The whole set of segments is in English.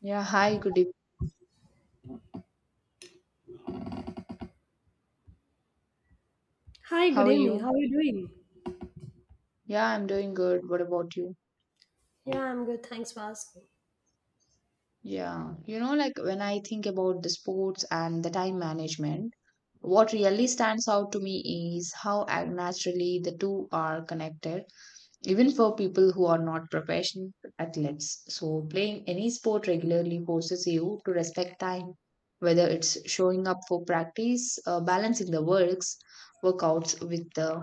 Yeah, hi, good evening. Hi, good How are evening. you? How are you doing? Yeah, I'm doing good. What about you? Yeah, I'm good. Thanks for asking. Yeah, like when I think about the sports and the time management, what really stands out to me is how naturally the two are connected, even for people who are not professional athletes. So, playing any sport regularly forces you to respect time, whether it's showing up for practice, balancing the workouts with the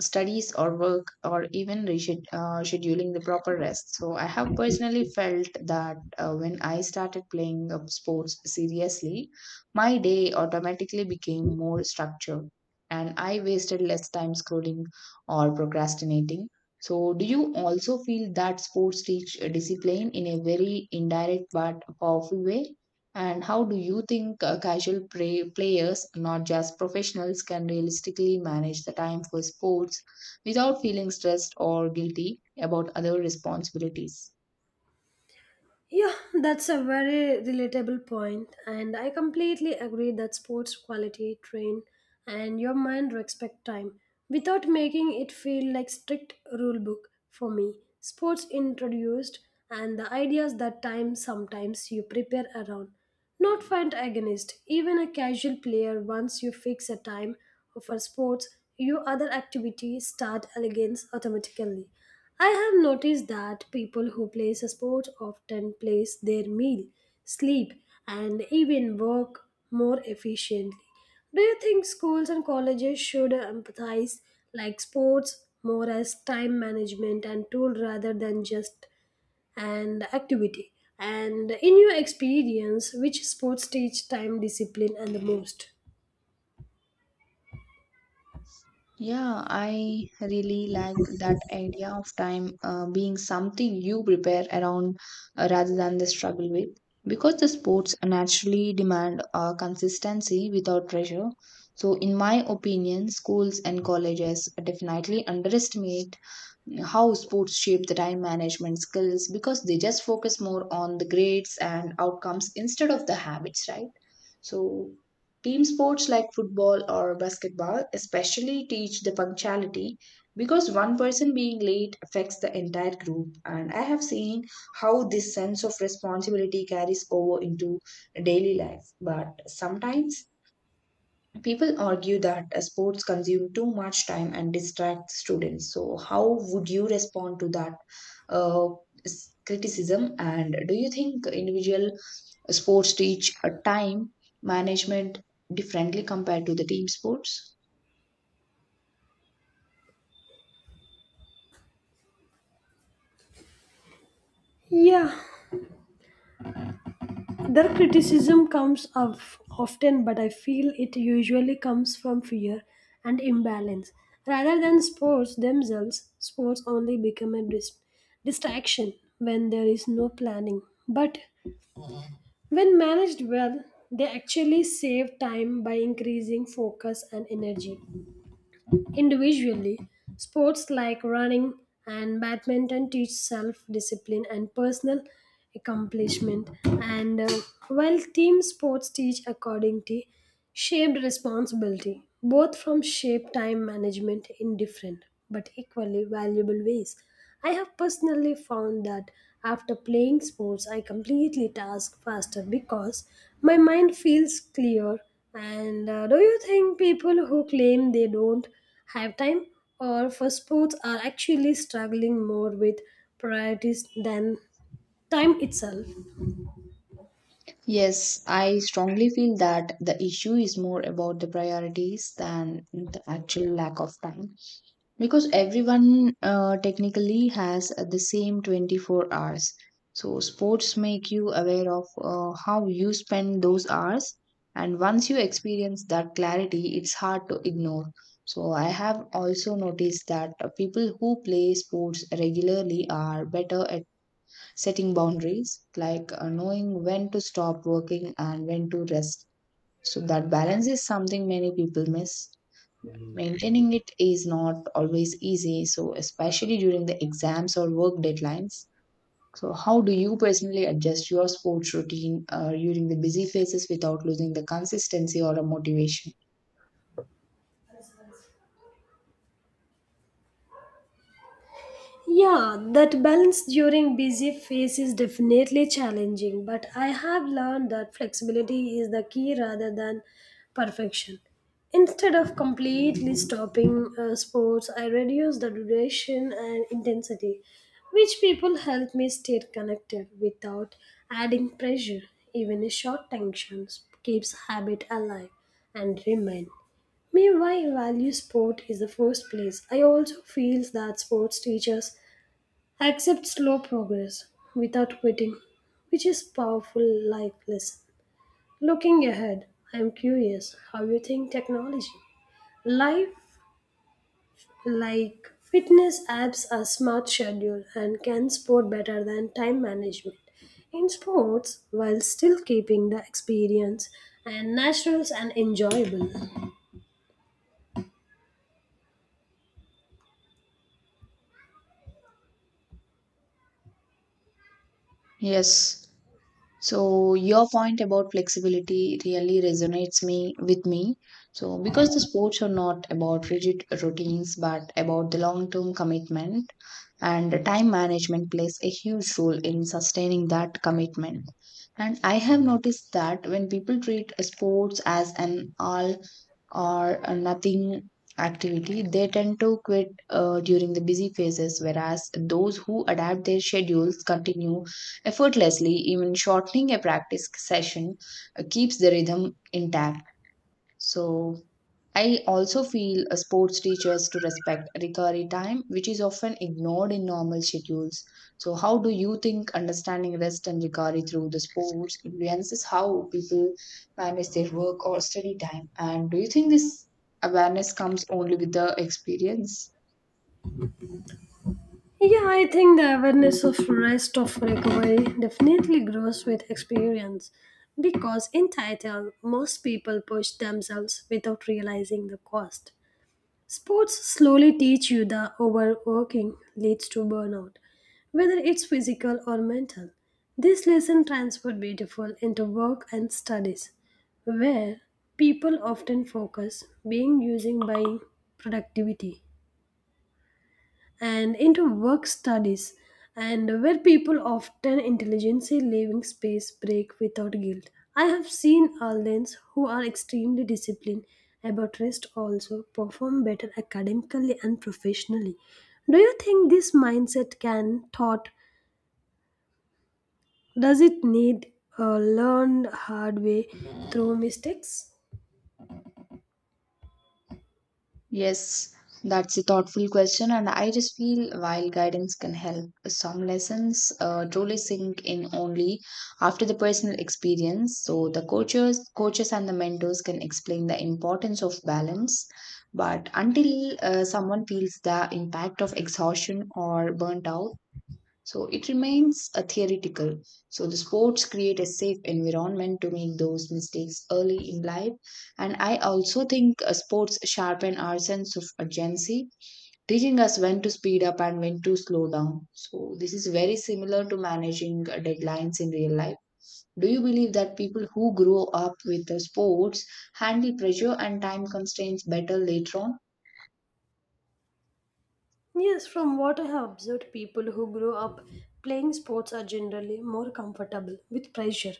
studies or work, or even scheduling the proper rest. So, I have personally felt that when I started playing sports seriously, my day automatically became more structured and I wasted less time scrolling or procrastinating. So, do you also feel that sports teach discipline in a very indirect but powerful way? And how do you think casual players, not just professionals, can realistically manage the time for sports without feeling stressed or guilty about other responsibilities? Yeah, that's a very relatable point, and I completely agree that sports quality train and your mind respect time without making it feel like strict rule book for me. Sports introduced and the ideas that time sometimes you prepare around, not find against. Even a casual player once you fix a time for sports, your other activities start against automatically. I have noticed that people who play a sport often place their meal, sleep, and even work more efficiently. Do you think schools and colleges should empathize like sports more as time management and tool rather than just an activity? And in your experience, which sports teach time discipline and the most? Yeah, I really like that idea of time being something you prepare around, rather than the struggle with. Because the sports naturally demand consistency without pressure. So, in my opinion, schools and colleges definitely underestimate how sports shape the time management skills because they just focus more on the grades and outcomes instead of the habits, right? So, team sports like football or basketball especially teach the punctuality because one person being late affects the entire group. And I have seen how this sense of responsibility carries over into daily life. But sometimes people argue that sports consume too much time and distract students. So, how would you respond to that uh, criticism? And do you think individual sports teach a time management differently compared to the team sports? Yeah, their criticism comes of often, but I feel it usually comes from fear and imbalance. Rather than sports themselves, sports only become a distraction when there is no planning. But when managed well, they actually save time by increasing focus and energy. Individually, sports like running and badminton teach self discipline and personal accomplishment, and while team sports teach accordingly shaped responsibility, both from shape time management in different but equally valuable ways. I have personally found that after playing sports, I completely task faster because my mind feels clear. And do you think people who claim they don't have time or for sports are actually struggling more with priorities than time itself? Yes, I strongly feel that the issue is more about the priorities than the actual lack of time, because everyone technically has the same 24 hours. So sports make you aware of how you spend those hours, and once you experience that clarity, it's hard to ignore. So I have also noticed that people who play sports regularly are better at setting boundaries, like knowing when to stop working and when to rest. So that balance is something many people miss. Maintaining it is not always easy, so especially during the exams or work deadlines. So, how do you personally adjust your sports routine during the busy phases without losing the consistency or a motivation? Yeah, that balance during busy phase is definitely challenging, but I have learned that flexibility is the key rather than perfection. Instead of completely stopping sports, I reduce the duration and intensity, which people help me stay connected without adding pressure. Even a short tension keeps habit alive and remain. May why I value sport is the first place. I also feel that sports teaches accept slow progress without quitting, which is powerful life lesson. Looking ahead, I am curious how you think technology. Life like fitness apps are smart schedule and can support better than time management in sports while still keeping the experience and natural and enjoyable. Yes. So your point about flexibility really resonates me. So because the sports are not about rigid routines but about the long-term commitment, and time management plays a huge role in sustaining that commitment. And I have noticed that when people treat sports as an all or nothing activity, they tend to quit during the busy phases, whereas those who adapt their schedules continue effortlessly. Even shortening a practice session keeps the rhythm intact. So, I also feel sports teachers to respect recovery time, which is often ignored in normal schedules. So, how do you think understanding rest and recovery through the sports influences how people manage their work or study time? And do you think this awareness comes only with the experience? Yeah, I think the awareness of rest of recovery definitely grows with experience because in title most people push themselves without realizing the cost. Sports slowly teach you that overworking leads to burnout, whether it's physical or mental. This lesson transferred beautiful into work and studies, where people often focus being using by productivity and into work studies and where people often intelligently leaving space break without guilt. I have seen aldeans who are extremely disciplined about rest also perform better academically and professionally. Do you think this mindset can taught, does it need a learned hard way through mistakes? Yes, that's a thoughtful question, and I just feel while guidance can help, some lessons truly sink in only after the personal experience. So the coaches and the mentors can explain the importance of balance, but until someone feels the impact of exhaustion or burnt out, so it remains a theoretical. So the sports create a safe environment to make those mistakes early in life. And I also think sports sharpen our sense of urgency, teaching us when to speed up and when to slow down. So this is very similar to managing deadlines in real life. Do you believe that people who grow up with the sports handle pressure and time constraints better later on? Yes, from what I have observed, people who grow up playing sports are generally more comfortable with pressure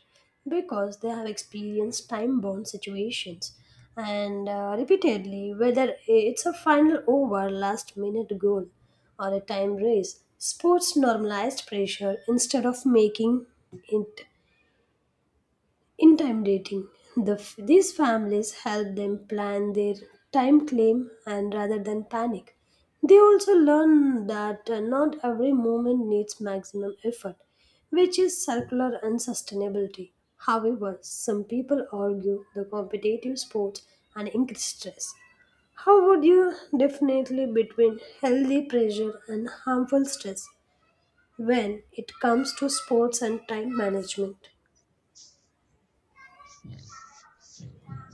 because they have experienced time bound situations and repeatedly, whether it's a final over, last minute goal, or a time race, sports normalized pressure instead of making it intimidating. These families help them plan their time claim and rather than panic. They also learn that not every movement needs maximum effort, which is circular unsustainability. However, some people argue the competitive sports and increased stress. How would you definitely between healthy pressure and harmful stress when it comes to sports and time management?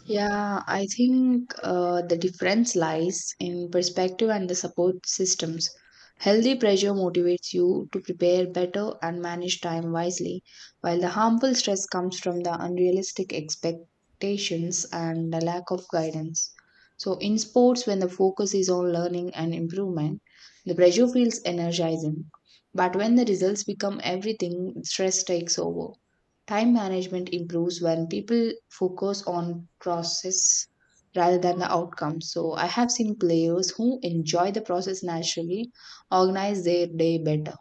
Yeah, I think the difference lies in perspective and the support systems. Healthy pressure motivates you to prepare better and manage time wisely, while the harmful stress comes from the unrealistic expectations and the lack of guidance. So, in sports, when the focus is on learning and improvement, the pressure feels energizing. But when the results become everything, stress takes over. Time management improves when people focus on process rather than the outcome. So I have seen players who enjoy the process naturally organize their day better.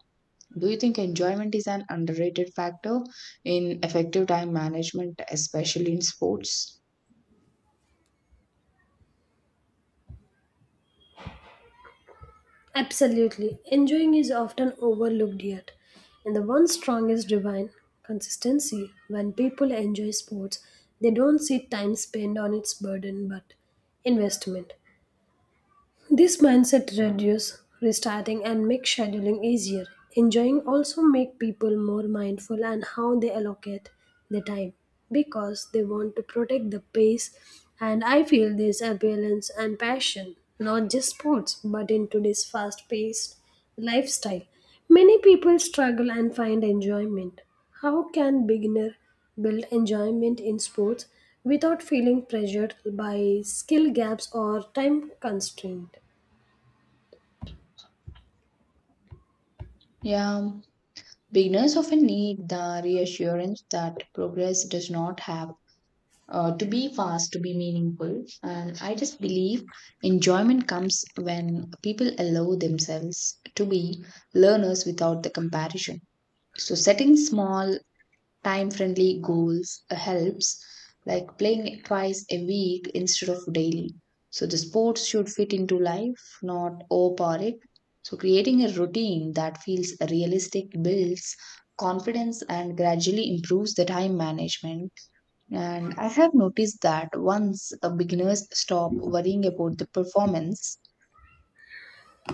Do you think enjoyment is an underrated factor in effective time management, especially in sports? Absolutely. Enjoying is often overlooked yet. And the one strongest divine consistency when people enjoy sports, they don't see time spent on its burden but investment. This mindset reduces restarting and makes scheduling easier. Enjoying also make people more mindful and how they allocate their time because they want to protect the pace, and I feel this balance and passion not just sports but in today's fast paced lifestyle. Many people struggle and find enjoyment. How can beginner build enjoyment in sports without feeling pressured by skill gaps or time constraint? Yeah, beginners often need the reassurance that progress does not have to be fast, to be meaningful. And I just believe enjoyment comes when people allow themselves to be learners without the comparison. So, setting small, time friendly goals helps, like playing twice a week instead of daily. So, the sports should fit into life, not overpower it. So, creating a routine that feels realistic builds confidence and gradually improves the time management. And I have noticed that once beginners stop worrying about the performance,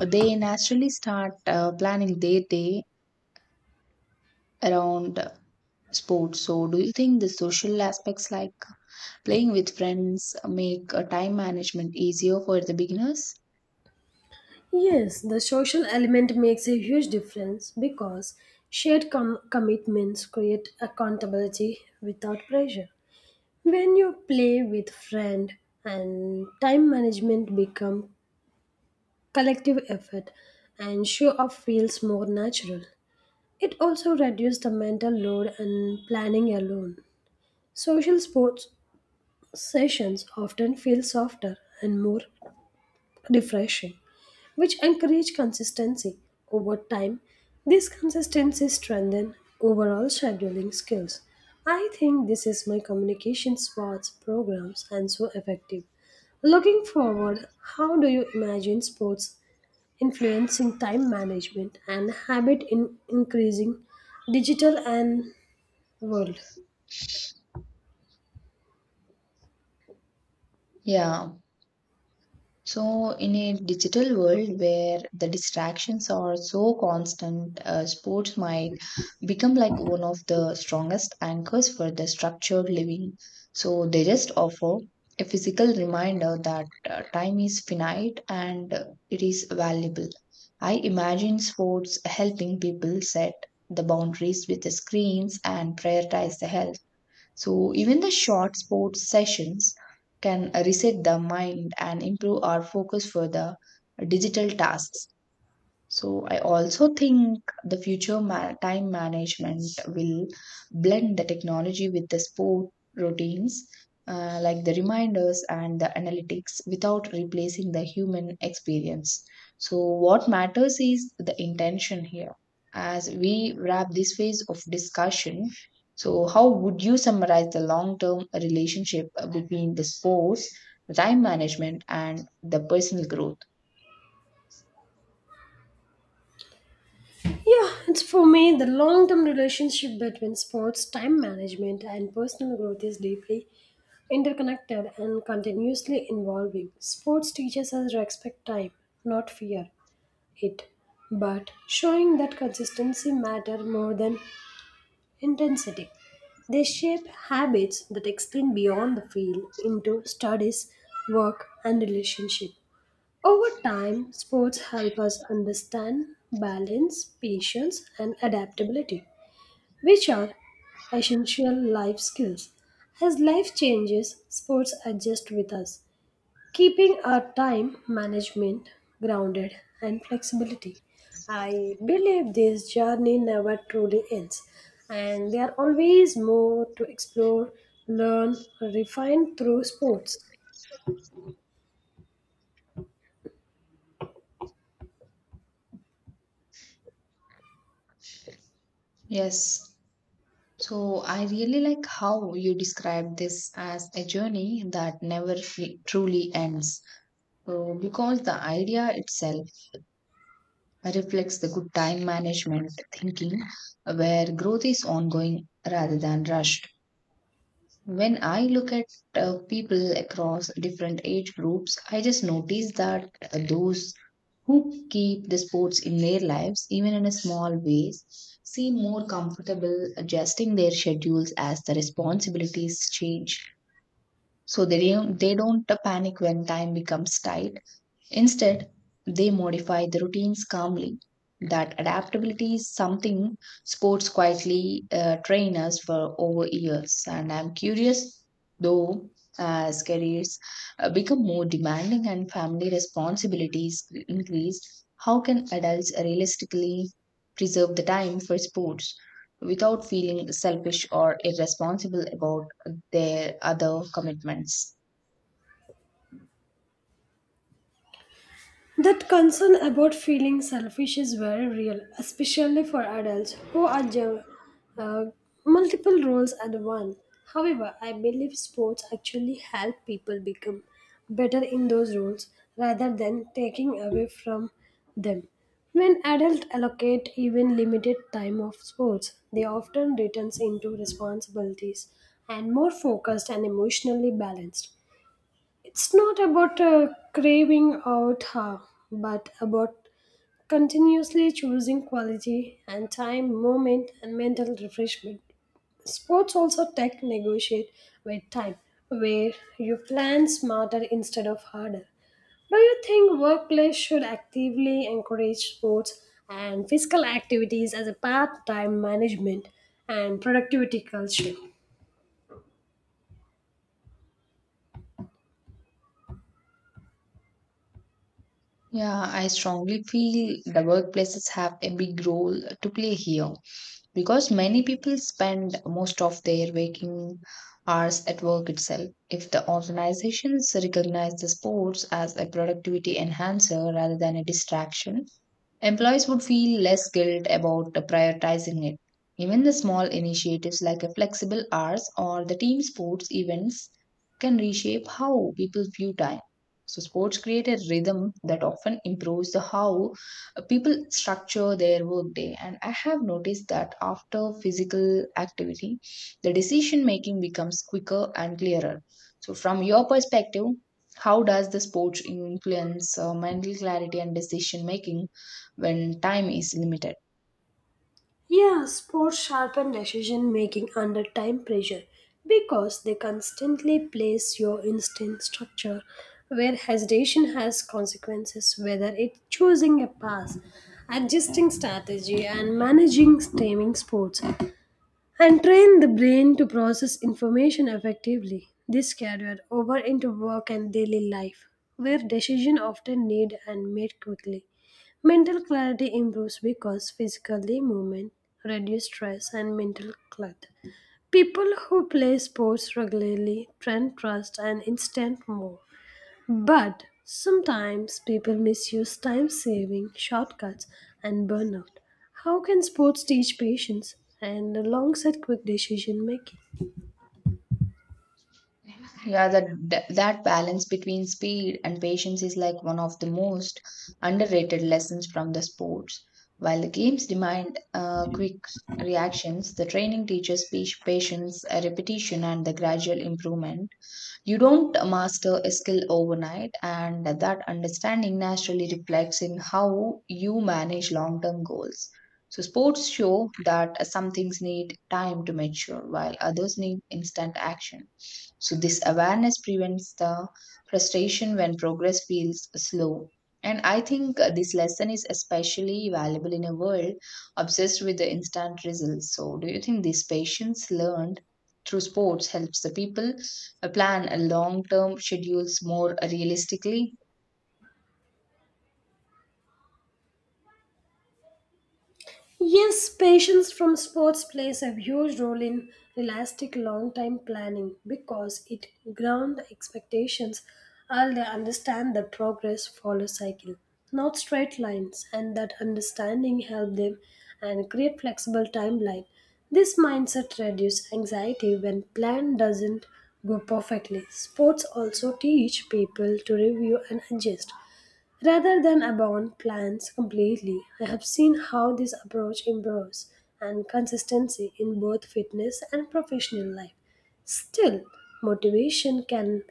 they naturally start planning their day around sports. So, do you think the social aspects like playing with friends make time management easier for the beginners? Yes, the social element makes a huge difference because shared commitments create accountability without pressure. When you play with friend and time management become collective effort and show off feels more natural. It also reduced the mental load and planning alone. Social sports sessions often feel softer and more refreshing, which encourage consistency over time. This consistency strengthens overall scheduling skills. I think this is my communication sports programs and so effective. Looking forward, how do you imagine sports influencing time management and habit in increasing digital and world? Yeah, so, in a digital world where the distractions are so constant, sports might become like one of the strongest anchors for the structured living. So, they just offer a physical reminder that time is finite and it is valuable. I imagine sports helping people set the boundaries with the screens and prioritize the health. So, even the short sports sessions can reset the mind and improve our focus for the digital tasks. So I also think the future time management will blend the technology with the sport routines, like the reminders and the analytics, without replacing the human experience. So what matters is the intention here. As we wrap this phase of discussion, so how would you summarize the long-term relationship between the sports, the time management, and the personal growth? Yeah, it's for me the long term relationship between sports, time management, and personal growth is deeply interconnected and continuously evolving. Sports teaches us to respect time, not fear it, but showing that consistency matters more than intensity. They shape habits that extend beyond the field into studies, work, and relationship. Over time, sports help us understand balance, patience, and adaptability, which are essential life skills. As life changes, sports adjust with us, keeping our time management grounded and flexibility. I believe this journey never truly ends, and there are always more to explore, learn, refine through sports. Yes. So I really like how you describe this as a journey that never truly ends. So because the idea itself reflects the good time management thinking where growth is ongoing rather than rushed. When I look at people across different age groups, I just notice that those who keep the sports in their lives, even in a small ways, seem more comfortable adjusting their schedules as the responsibilities change. So they don't panic when time becomes tight. Instead, they modify the routines calmly. That adaptability is something sports quietly train us for over years. And I'm curious, though, as careers become more demanding and family responsibilities increase, how can adults realistically preserve the time for sports without feeling selfish or irresponsible about their other commitments? That concern about feeling selfish is very real, especially for adults who are uh, multiple roles at once. However, I believe sports actually help people become better in those roles rather than taking away from them. When adults allocate even limited time of sports, they often returns into responsibilities and more focused and emotionally balanced. It's not about craving out her, but about continuously choosing quality and time, movement, and mental refreshment. Sports also tech negotiate with time, where you plan smarter instead of harder. Do you think workplace should actively encourage sports and physical activities as a part-time management and productivity culture? Yeah, I strongly feel the workplaces have a big role to play here because many people spend most of their waking hours at work itself. If the organizations recognize the sports as a productivity enhancer rather than a distraction, employees would feel less guilt about prioritizing it. Even the small initiatives like a flexible hours or the team sports events can reshape how people view time. So, sports create a rhythm that often improves the how people structure their workday. And I have noticed that after physical activity, the decision making becomes quicker and clearer. So, from your perspective, how does the sports influence mental clarity and decision making when time is limited? Yeah, sports sharpen decision making under time pressure because they constantly place your instinct structure where hesitation has consequences, whether it's choosing a pass, adjusting strategy, and managing stemming sports and train the brain to process information effectively. This carried over into work and daily life, where decisions often need and made quickly. Mental clarity improves because physically movement reduces stress and mental clutter. People who play sports regularly train trust and instant more. But sometimes people misuse time saving shortcuts and burnout. How can sports teach patience and alongside quick decision making? Yeah, that balance between speed and patience is like one of the most underrated lessons from the sports. While the games demand quick reactions, the training teaches patience, repetition, and the gradual improvement. You don't master a skill overnight, and that understanding naturally reflects in how you manage long term goals. So, sports show that some things need time to mature, while others need instant action. So, this awareness prevents the frustration when progress feels slow. And I think this lesson is especially valuable in a world obsessed with the instant results. So, do you think this patience learned through sports helps the people plan a long term schedules more realistically? Yes, patience from sports plays a huge role in realistic long time planning because it grounds expectations and they understand that progress follows cycle, not straight lines, and that understanding help them and create flexible timeline. This mindset reduces anxiety when plan doesn't go perfectly. Sports also teach people to review and adjust rather than abandon plans completely. I have seen how this approach improves and consistency in both fitness and professional life. Still, motivation can.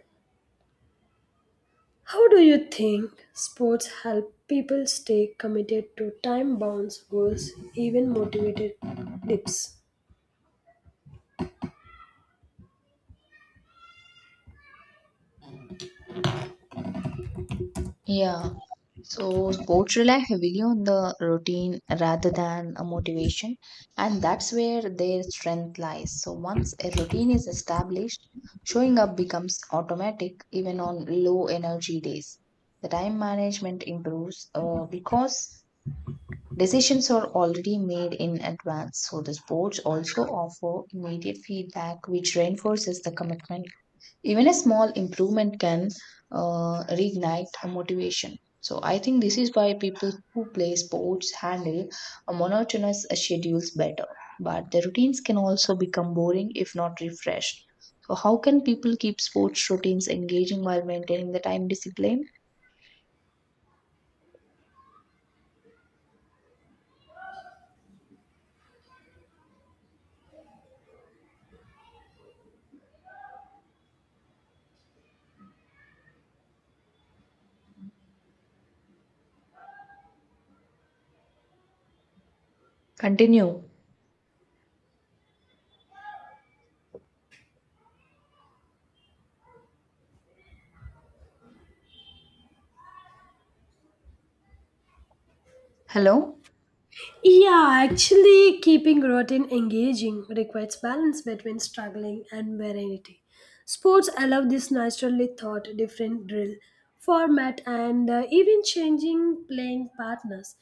How do you think sports help people stay committed to time bound goals, even motivated dips? Yeah. So sports rely heavily on the routine rather than a motivation, and that's where their strength lies. So once a routine is established, showing up becomes automatic even on low energy days. The time management improves because decisions are already made in advance. So the sports also offer immediate feedback, which reinforces the commitment. Even a small improvement can reignite a motivation. So I think this is why people who play sports handle a monotonous schedules better, but the routines can also become boring if not refreshed. So how can people keep sports routines engaging while maintaining the time discipline? Continue. Hello. Yeah, actually, keeping routine engaging requires balance between struggling and variety. Sports allow this naturally thought, different drill, format, and even changing playing partners.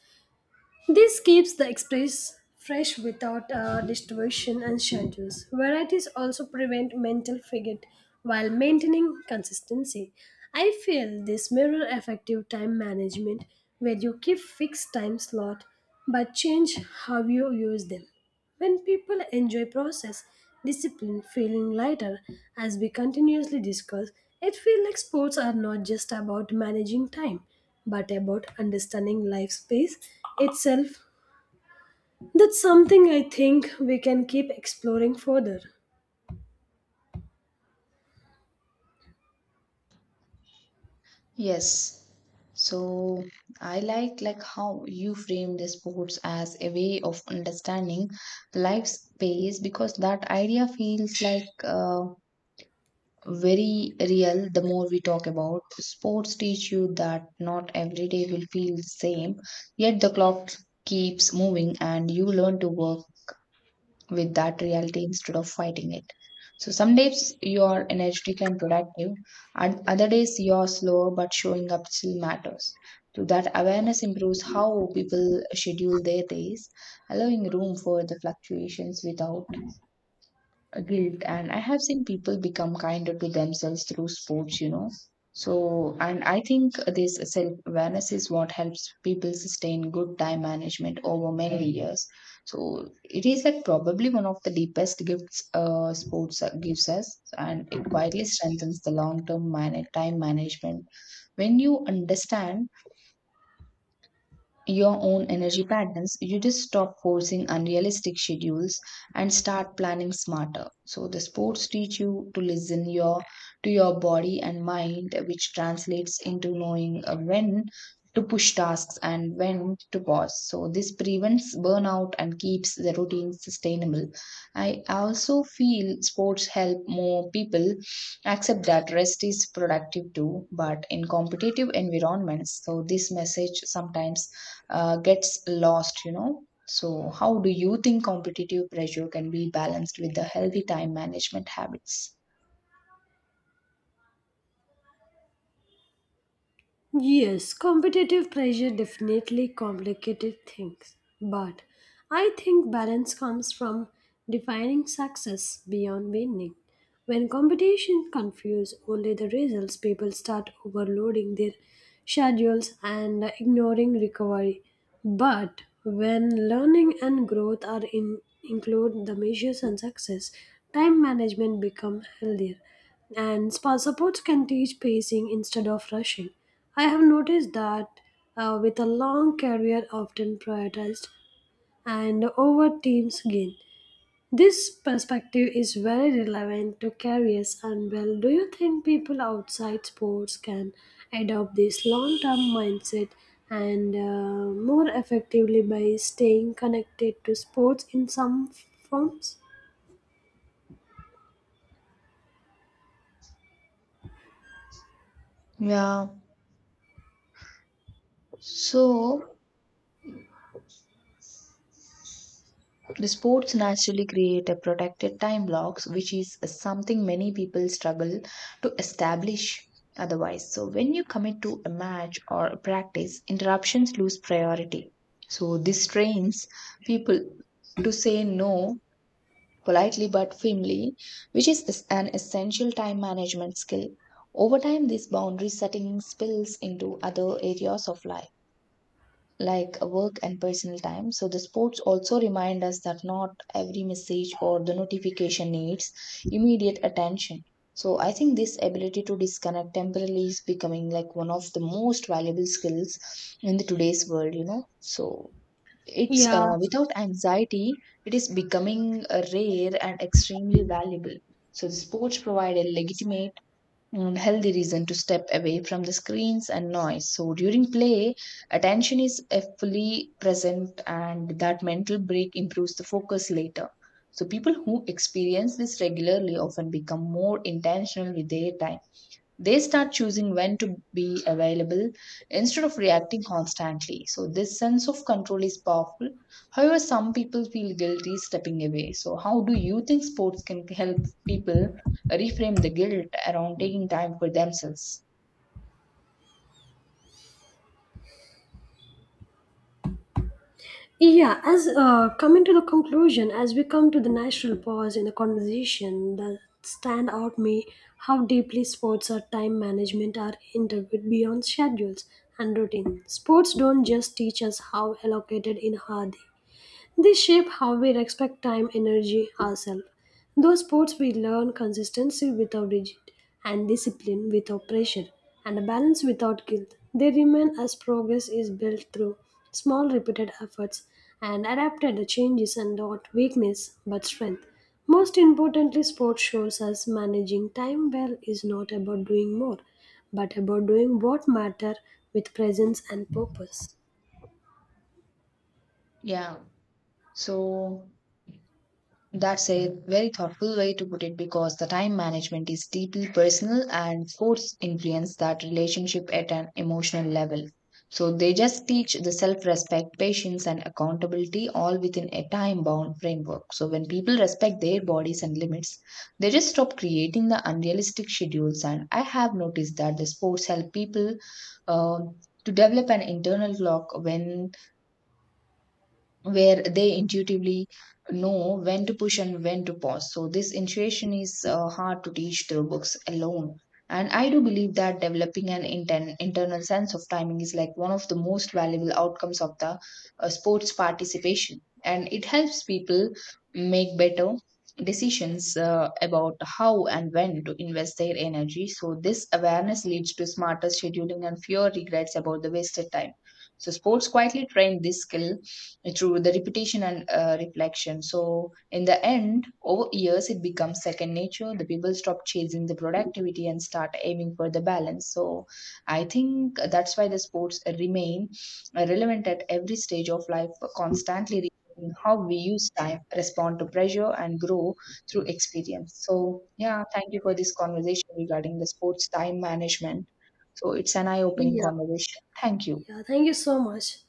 This keeps the express fresh without distortion and schedules. Varieties also prevent mental fatigue while maintaining consistency. I feel this mirror effective time management where you keep fixed time slot but change how you use them. When people enjoy process, discipline, feeling lighter, as we continuously discuss, it feels like sports are not just about managing time, but about understanding life's pace itself. That's something I think we can keep exploring further. Yes. So I like how you frame the sports as a way of understanding life's pace because that idea feels like very real the more we talk about. Sports teach you that not every day will feel the same, yet the clock keeps moving and you learn to work with that reality instead of fighting it. So some days you are energetic and productive, and other days you are slower, but showing up still matters. So that awareness improves how people schedule their days, allowing room for the fluctuations without guilt, and I have seen people become kinder to themselves through sports. So, and I think this self awareness is what helps people sustain good time management over many years. So, it is that probably one of the deepest gifts sports gives us, and it quietly strengthens the long term time management. When you understand your own energy patterns, you just stop forcing unrealistic schedules and start planning smarter. So the sports teach you to listen your to your body and mind, which translates into knowing when to push tasks and when to pause. So this prevents burnout and keeps the routine sustainable. I also feel sports help more people accept that rest is productive too, but in competitive environments, so this message sometimes gets lost. So, how do you think competitive pressure can be balanced with the healthy time management habits? Yes, competitive pressure definitely complicated things, but I think balance comes from defining success beyond winning. When competition confuses only the results, people start overloading their schedules and ignoring recovery. But when learning and growth are in, include the measures and success, time management become healthier and spa supports can teach pacing instead of rushing. I have noticed that with a long career often prioritized and over teams gain. This perspective is very relevant to careers and well. Do you think people outside sports can adopt this long-term mindset and more effectively by staying connected to sports in some forms? Yeah. So, the sports naturally create a protected time blocks, which is something many people struggle to establish otherwise. So, when you commit to a match or a practice, interruptions lose priority. So, this trains people to say no politely but firmly, which is an essential time management skill. Over time, this boundary setting spills into other areas of life, like work and personal time. So, the sports also remind us that not every message or the notification needs immediate attention. So, I think this ability to disconnect temporarily is becoming like one of the most valuable skills in the today's world. So, it's Yeah. Without anxiety, it is becoming rare and extremely valuable. So, the sports provide a legitimate and healthy reason to step away from the screens and noise. So, during play, attention is fully present, and that mental break improves the focus later. So, people who experience this regularly often become more intentional with their time they start choosing when to be available instead of reacting constantly. So, this sense of control is powerful. However, some people feel guilty stepping away. So, how do you think sports can help people reframe the guilt around taking time for themselves? Yeah, as coming to the conclusion, as we come to the natural pause in the conversation, that stand out me how deeply sports or time management are integrated beyond schedules and routine. Sports don't just teach us how allocated in our day, they shape how we respect time, energy, ourselves. Those sports we learn consistency without rigid, and discipline without pressure, and a balance without guilt. They remain as progress is built through small repeated efforts and adapted the changes and not weakness but strength. Most importantly, sport shows us managing time well is not about doing more, but about doing what matter with presence and purpose. Yeah. So, that's a very thoughtful way to put it because the time management is deeply personal and sports influence that relationship at an emotional level. So they just teach the self respect, patience, and accountability all within a time bound framework. So when people respect their bodies and limits, they just stop creating the unrealistic schedules. And I have noticed that the sports help people uh, to develop an internal clock when where they intuitively know when to push and when to pause. So, this intuition is hard to teach through books alone. And I do believe that developing an internal sense of timing is like one of the most valuable outcomes of the sports participation. And it helps people make better decisions about how and when to invest their energy. So, this awareness leads to smarter scheduling and fewer regrets about the wasted time. So, sports quietly train this skill through the repetition and reflection. So, in the end, over years, it becomes second nature. The people stop chasing the productivity and start aiming for the balance. So, I think that's why the sports remain relevant at every stage of life, constantly reshaping how we use time, respond to pressure, and grow through experience. So, yeah, thank you for this conversation regarding the sports time management. So, it's an eye opening Yeah. conversation. Thank you. Yeah, thank you so much.